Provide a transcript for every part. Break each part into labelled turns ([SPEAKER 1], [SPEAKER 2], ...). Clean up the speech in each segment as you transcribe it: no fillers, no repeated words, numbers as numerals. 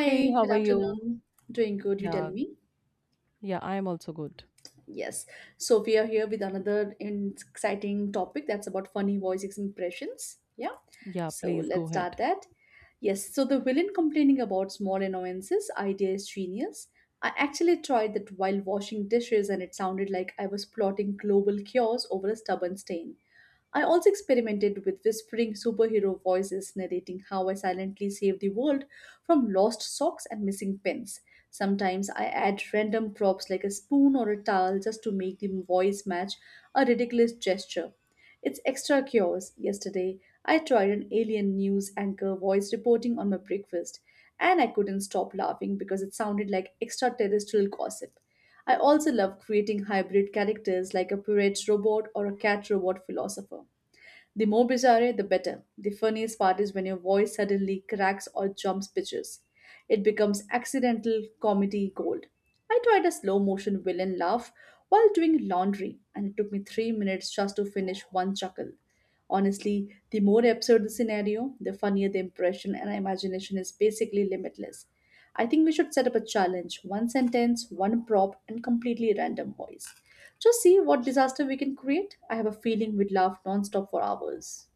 [SPEAKER 1] Hey, how
[SPEAKER 2] good
[SPEAKER 1] are you?
[SPEAKER 2] afternoon. Doing good, you tell
[SPEAKER 1] Yeah,
[SPEAKER 2] me?
[SPEAKER 1] yeah, I am also good.
[SPEAKER 2] Yes. So we are here with another exciting topic that's about funny voice impressions. Yeah.
[SPEAKER 1] Yeah,
[SPEAKER 2] So
[SPEAKER 1] please go
[SPEAKER 2] let's
[SPEAKER 1] ahead.
[SPEAKER 2] start that. Yes. So the villain complaining about small annoyances idea is genius. I actually tried that while washing dishes and it sounded like I was plotting global cures over a stubborn stain. I also experimented with whispering superhero voices narrating how I silently saved the world from lost socks and missing pens. Sometimes I add random props like a spoon or a towel just to make the voice match a ridiculous gesture. It's extra chaos. Yesterday, I tried an alien news anchor voice reporting on my breakfast, and I couldn't stop laughing because it sounded like extraterrestrial gossip. I also love creating hybrid characters like a pirate robot or a cat robot philosopher. The more bizarre, the better. The funniest part is when your voice suddenly cracks or jumps pitches. It becomes accidental comedy gold. I tried a slow motion villain laugh while doing laundry, and it took me 3 minutes just to finish one chuckle. Honestly, the more absurd the scenario, the funnier the impression, and imagination is basically limitless. I think we should set up a challenge one sentence, one prop, and completely random voice. Just see what disaster we can create. I have a feeling we'd laugh nonstop for hours.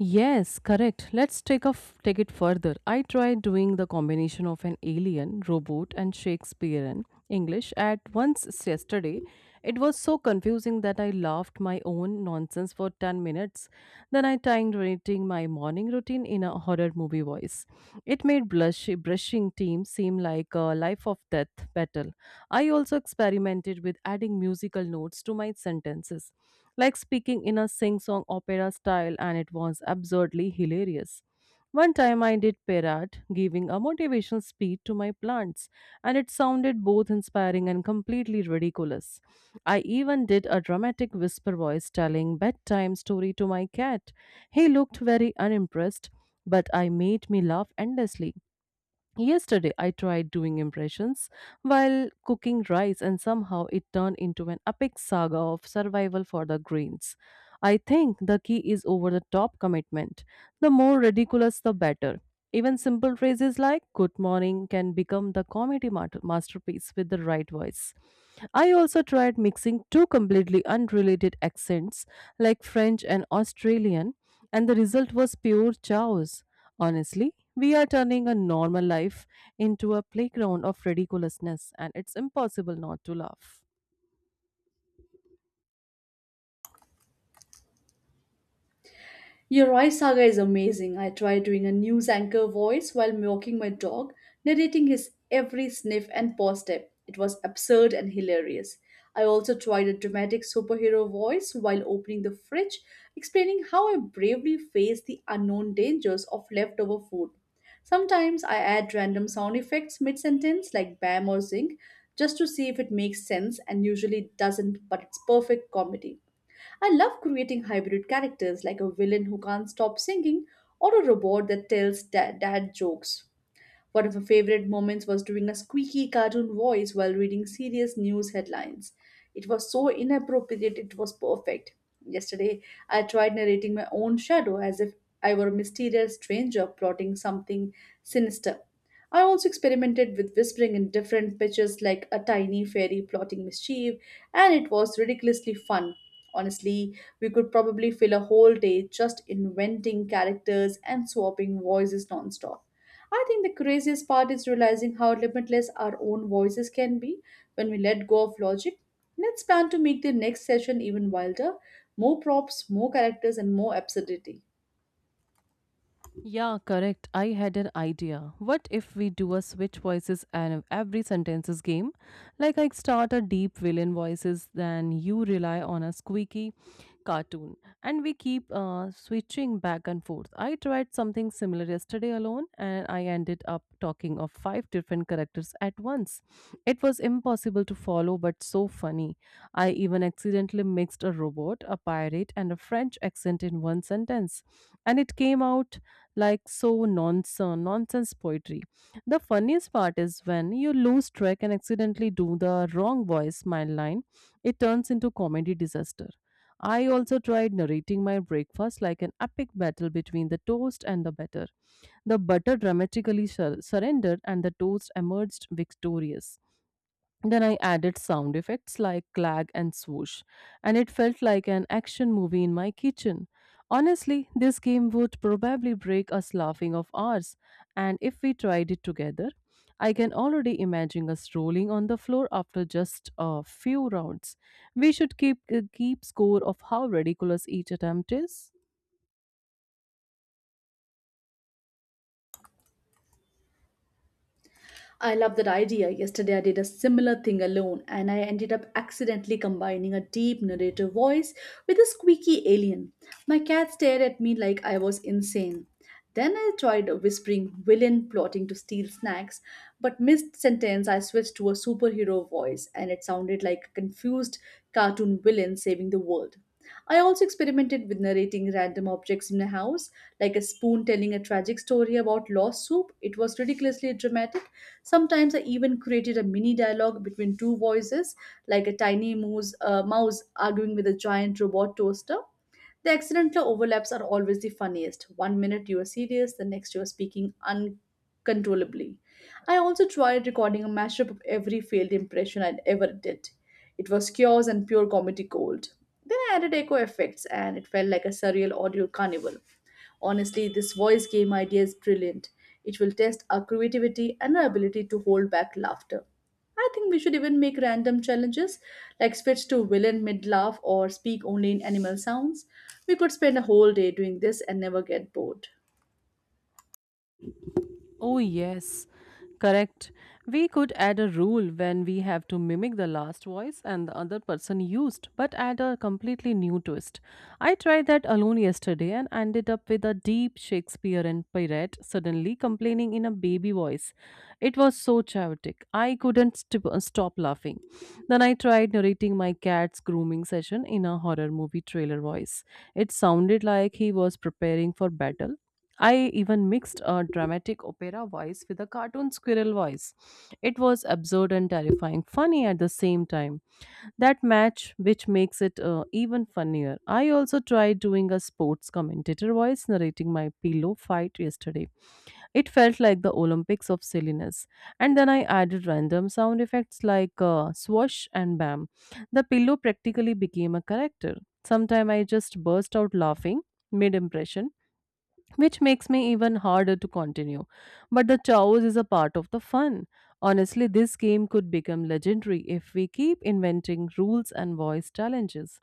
[SPEAKER 1] Yes, correct. Let's take it further. I tried doing the combination of an alien, robot, and Shakespearean English at once yesterday. It was so confusing that I laughed my own nonsense for 10 minutes. Then I tried writing my morning routine in a horror movie voice. It made blush brushing team seem like a life of death battle. I also experimented with adding musical notes to my sentences like speaking in a sing song opera style, and it was absurdly hilarious. One time I did Perat giving a motivational speech to my plants, and it sounded both inspiring and completely ridiculous. I even did a dramatic whisper voice telling bedtime story to my cat. He looked very unimpressed, but I made me laugh endlessly. Yesterday, I tried doing impressions while cooking rice, and somehow it turned into an epic saga of survival for the grains. I think the key is over the top commitment. The more ridiculous, the better. Even simple phrases like good morning can become the masterpiece with the right voice. I also tried mixing two completely unrelated accents like French and Australian, and the result was pure chaos. Honestly, we are turning a normal life into a playground of ridiculousness, and it's impossible not to laugh.
[SPEAKER 2] Your Roy Saga is amazing. I tried doing a news anchor voice while walking my dog, narrating his every sniff and paw step. It was absurd and hilarious. I also tried a dramatic superhero voice while opening the fridge, explaining how I bravely faced the unknown dangers of leftover food. Sometimes I add random sound effects mid sentence like bam or zing just to see if it makes sense and usually it doesn't, but it's perfect comedy. I love creating hybrid characters like a villain who can't stop singing or a robot that tells dad jokes. One of her favorite moments was doing a squeaky cartoon voice while reading serious news headlines. It was so inappropriate, it was perfect. Yesterday, I tried narrating my own shadow as if I were a mysterious stranger plotting something sinister. I also experimented with whispering in different pitches like a tiny fairy plotting mischief, and it was ridiculously fun. Honestly, we could probably fill a whole day just inventing characters and swapping voices nonstop. I think the craziest part is realizing how limitless our own voices can be when we let go of logic. Let's plan to make the next session even wilder more props, more characters, and more absurdity.
[SPEAKER 1] Yeah, correct. I had an idea. What if we do a switch voices and every sentences game? Like I start a deep villain voices, then you rely on a squeaky cartoon and we keep switching back and forth. I tried something similar yesterday alone, and I ended up talking of five different characters at once. It was impossible to follow, but so funny. I even accidentally mixed a robot, a pirate, and a French accent in one sentence, and it came out like so nonsense poetry. The funniest part is when you lose track and accidentally do the wrong voice, my line, it turns into comedy disaster. I also tried narrating my breakfast like an epic battle between the toast and the butter. The butter dramatically surrendered and the toast emerged victorious. Then I added sound effects like clag and swoosh, and it felt like an action movie in my kitchen. Honestly, this game would probably break us laughing of ours, and if we tried it together, I can already imagine us rolling on the floor after just a few rounds. We should keep score of how ridiculous each attempt is.
[SPEAKER 2] I love that idea. Yesterday, I did a similar thing alone, and I ended up accidentally combining a deep narrator voice with a squeaky alien. My cat stared at me like I was insane. Then I tried whispering villain plotting to steal snacks, but mid sentence I switched to a superhero voice and it sounded like a confused cartoon villain saving the world. I also experimented with narrating random objects in the house, like a spoon telling a tragic story about lost soup. It was ridiculously dramatic. Sometimes I even created a mini dialogue between two voices, like a tiny mouse arguing with a giant robot toaster. The accidental overlaps are always the funniest. One minute you are serious, the next you are speaking uncontrollably. I also tried recording a mashup of every failed impression I'd ever did. It was chaos and pure comedy gold. Then I added echo effects and it felt like a surreal audio carnival. Honestly, this voice game idea is brilliant. It will test our creativity and our ability to hold back laughter. I think we should even make random challenges like switch to villain mid laugh or speak only in animal sounds. We could spend a whole day doing this and never get bored.
[SPEAKER 1] Oh, yes, correct. We could add a rule when we have to mimic the last voice and the other person used, but add a completely new twist. I tried that alone yesterday and ended up with a deep Shakespearean pirate suddenly complaining in a baby voice. It was so chaotic. I couldn't stop laughing. Then I tried narrating my cat's grooming session in a horror movie trailer voice. It sounded like he was preparing for battle. I even mixed a dramatic opera voice with a cartoon squirrel voice. It was absurd and terrifying, funny at the same time. That match, which makes it even funnier. I also tried doing a sports commentator voice narrating my pillow fight yesterday. It felt like the Olympics of silliness. And then I added random sound effects like swoosh and bam. The pillow practically became a character. Sometime I just burst out laughing mid impression which makes me even harder to continue. But the chaos is a part of the fun. Honestly, this game could become legendary if we keep inventing rules and voice challenges.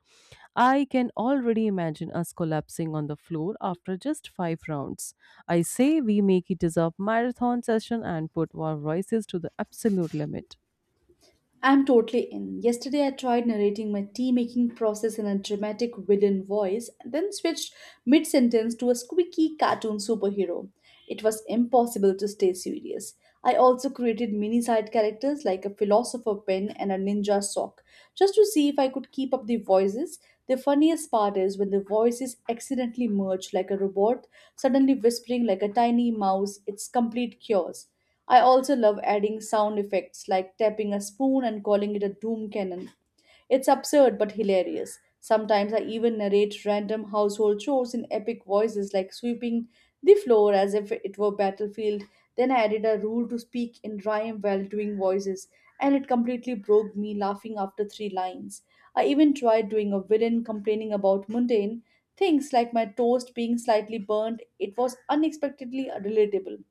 [SPEAKER 1] I can already imagine us collapsing on the floor after just five rounds. I say we make it as a marathon session and put our voices to the absolute limit.
[SPEAKER 2] I'm totally in. Yesterday, I tried narrating my tea making process in a dramatic villain voice, and then switched mid sentence to a squeaky cartoon superhero. It was impossible to stay serious. I also created mini side characters like a philosopher pen and a ninja sock, just to see if I could keep up the voices. The funniest part is when the voices accidentally merge like a robot, suddenly whispering like a tiny mouse, it's complete chaos. I also love adding sound effects like tapping a spoon and calling it a doom cannon. It's absurd but hilarious. Sometimes I even narrate random household chores in epic voices like sweeping the floor as if it were battlefield. Then I added a rule to speak in rhyme while doing voices, and it completely broke me laughing after three lines. I even tried doing a villain complaining about mundane things like my toast being slightly burnt. It was unexpectedly relatable.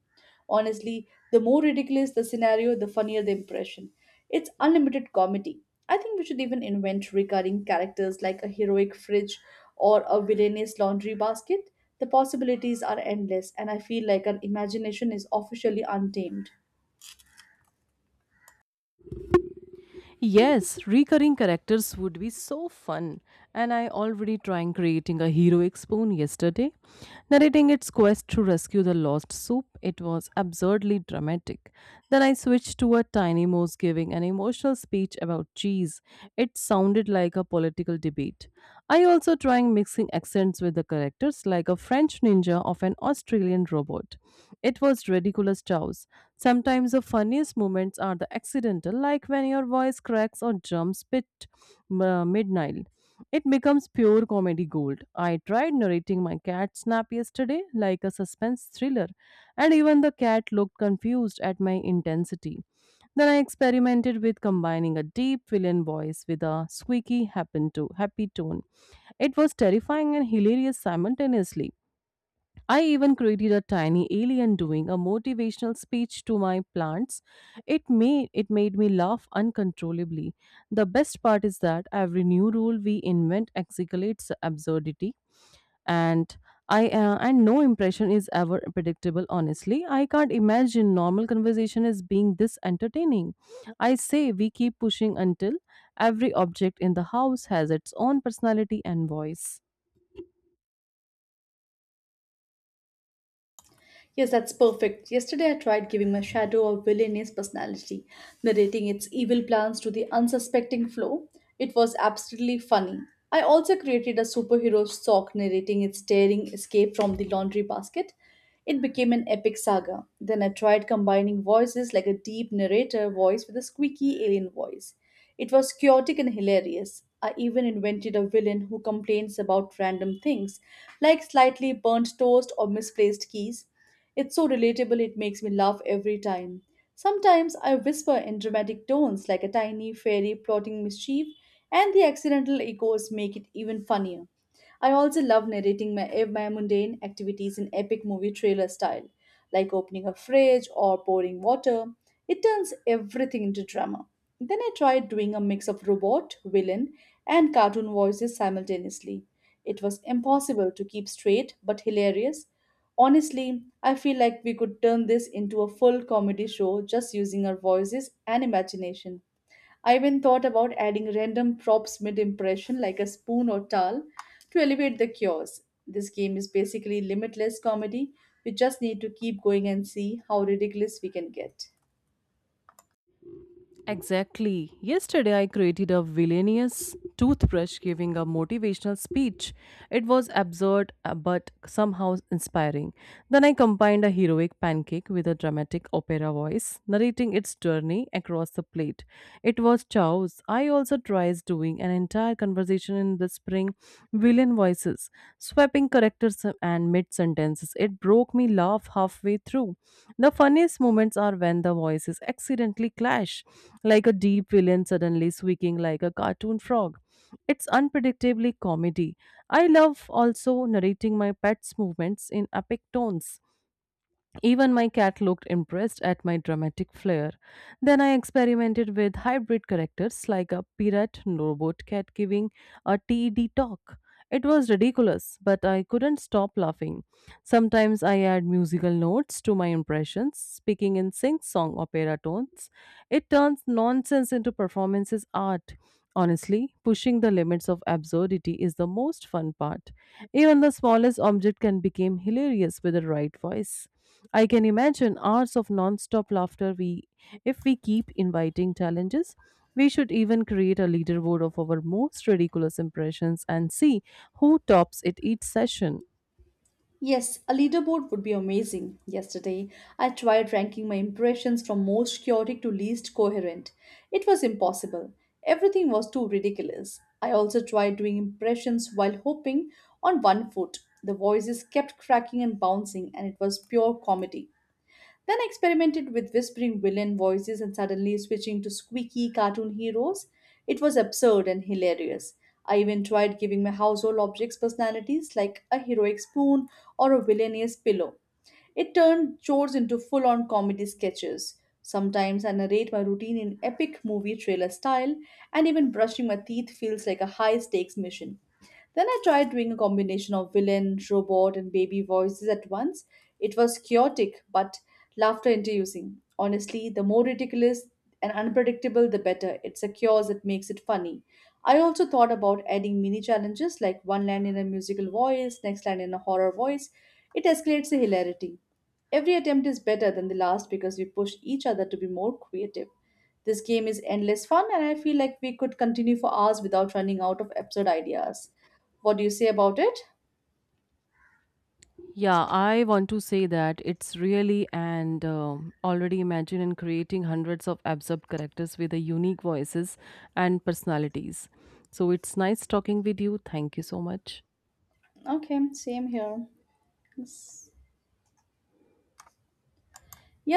[SPEAKER 2] Honestly, the more ridiculous the scenario, the funnier the impression. It's unlimited comedy. I think we should even invent recurring characters like a heroic fridge or a villainous laundry basket. The possibilities are endless, and I feel like our imagination is officially untamed.
[SPEAKER 1] Yes, recurring characters would be so fun. And I already trying creating a heroic spoon yesterday, narrating its quest to rescue the lost soup. It was absurdly dramatic. Then I switched to a tiny mouse giving an emotional speech about cheese. It sounded like a political debate. I also trying mixing accents with the characters like a French ninja of an Australian robot. It was ridiculous chows. Sometimes the funniest moments are the accidental, like when your voice cracks or jumps pit mid-Nile. It becomes pure comedy gold. I tried narrating my cat snap yesterday like a suspense thriller, and even the cat looked confused at my intensity. Then I experimented with combining a deep villain voice with a squeaky happen to happy tone. It was terrifying and hilarious simultaneously. I even created a tiny alien doing a motivational speech to my plants. It made me laugh uncontrollably. The best part is that every new rule we invent escalates absurdity and I and no impression is ever predictable. Honestly, I can't imagine normal conversation as being this entertaining. I say we keep pushing until every object in the house has its own personality and voice.
[SPEAKER 2] Yes, that's perfect. Yesterday, I tried giving my shadow a villainous personality, narrating its evil plans to the unsuspecting Flo. It was absolutely funny. I also created a superhero sock narrating its daring escape from the laundry basket. It became an epic saga. Then I tried combining voices like a deep narrator voice with a squeaky alien voice. It was chaotic and hilarious. I even invented a villain who complains about random things, like slightly burnt toast or misplaced keys. It's so relatable, it makes me laugh every time. Sometimes I whisper in dramatic tones like a tiny fairy plotting mischief, and the accidental echoes make it even funnier. I also love narrating my mundane activities in epic movie trailer style, like opening a fridge or pouring water. It turns everything into drama. Then I tried doing a mix of robot, villain, and cartoon voices simultaneously. It was impossible to keep straight but hilarious. Honestly, I feel like we could turn this into a full comedy show just using our voices and imagination. I even thought about adding random props mid impression like a spoon or towel to elevate the cures. This game is basically limitless comedy. We just need to keep going and see how ridiculous we can get.
[SPEAKER 1] Exactly. Yesterday, I created a villainous toothbrush giving a motivational speech. It was absurd but somehow inspiring. Then I combined a heroic pancake with a dramatic opera voice, narrating its journey across the plate. It was chaos. I also tried doing an entire conversation in the spring villain voices, swapping characters and mid sentences. It broke me laugh halfway through. The funniest moments are when the voices accidentally clash, like a deep villain suddenly squeaking like a cartoon frog. It's unpredictably comedy. I love also narrating my pet's movements in epic tones. Even my cat looked impressed at my dramatic flair. Then I experimented with hybrid characters like a pirate robot cat giving a TED talk. It was ridiculous, but I couldn't stop laughing. Sometimes I add musical notes to my impressions, speaking in sing song opera tones. It turns nonsense into performances art. Honestly, pushing the limits of absurdity is the most fun part. Even the smallest object can become hilarious with the right voice. I can imagine hours of non-stop laughter we if we keep inviting challenges. We should even create a leaderboard of our most ridiculous impressions and see who tops it each session.
[SPEAKER 2] Yes, a leaderboard would be amazing. Yesterday, I tried ranking my impressions from most chaotic to least coherent. It was impossible. Everything was too ridiculous. I also tried doing impressions while hopping on one foot. The voices kept cracking and bouncing, and it was pure comedy. Then I experimented with whispering villain voices and suddenly switching to squeaky cartoon heroes. It was absurd and hilarious. I even tried giving my household objects personalities like a heroic spoon or a villainous pillow. It turned chores into full on comedy sketches. Sometimes I narrate my routine in epic movie trailer style, and even brushing my teeth feels like a high stakes mission. Then I tried doing a combination of villain, robot, and baby voices at once. It was chaotic but laughter inducing. Honestly, the more ridiculous and unpredictable, the better. It secures, it makes it funny. I also thought about adding mini challenges like one line in a musical voice, next line in a horror voice. It escalates the hilarity. Every attempt is better than the last because we push each other to be more creative. This game is endless fun, and I feel like we could continue for hours without running out of absurd ideas. What do you say about it?
[SPEAKER 1] Yeah, I want to say that it's really and already imagine in creating hundreds of absurd characters with a unique voices and personalities. So it's nice talking with you. Thank you so much.
[SPEAKER 2] Okay, same here. Yes.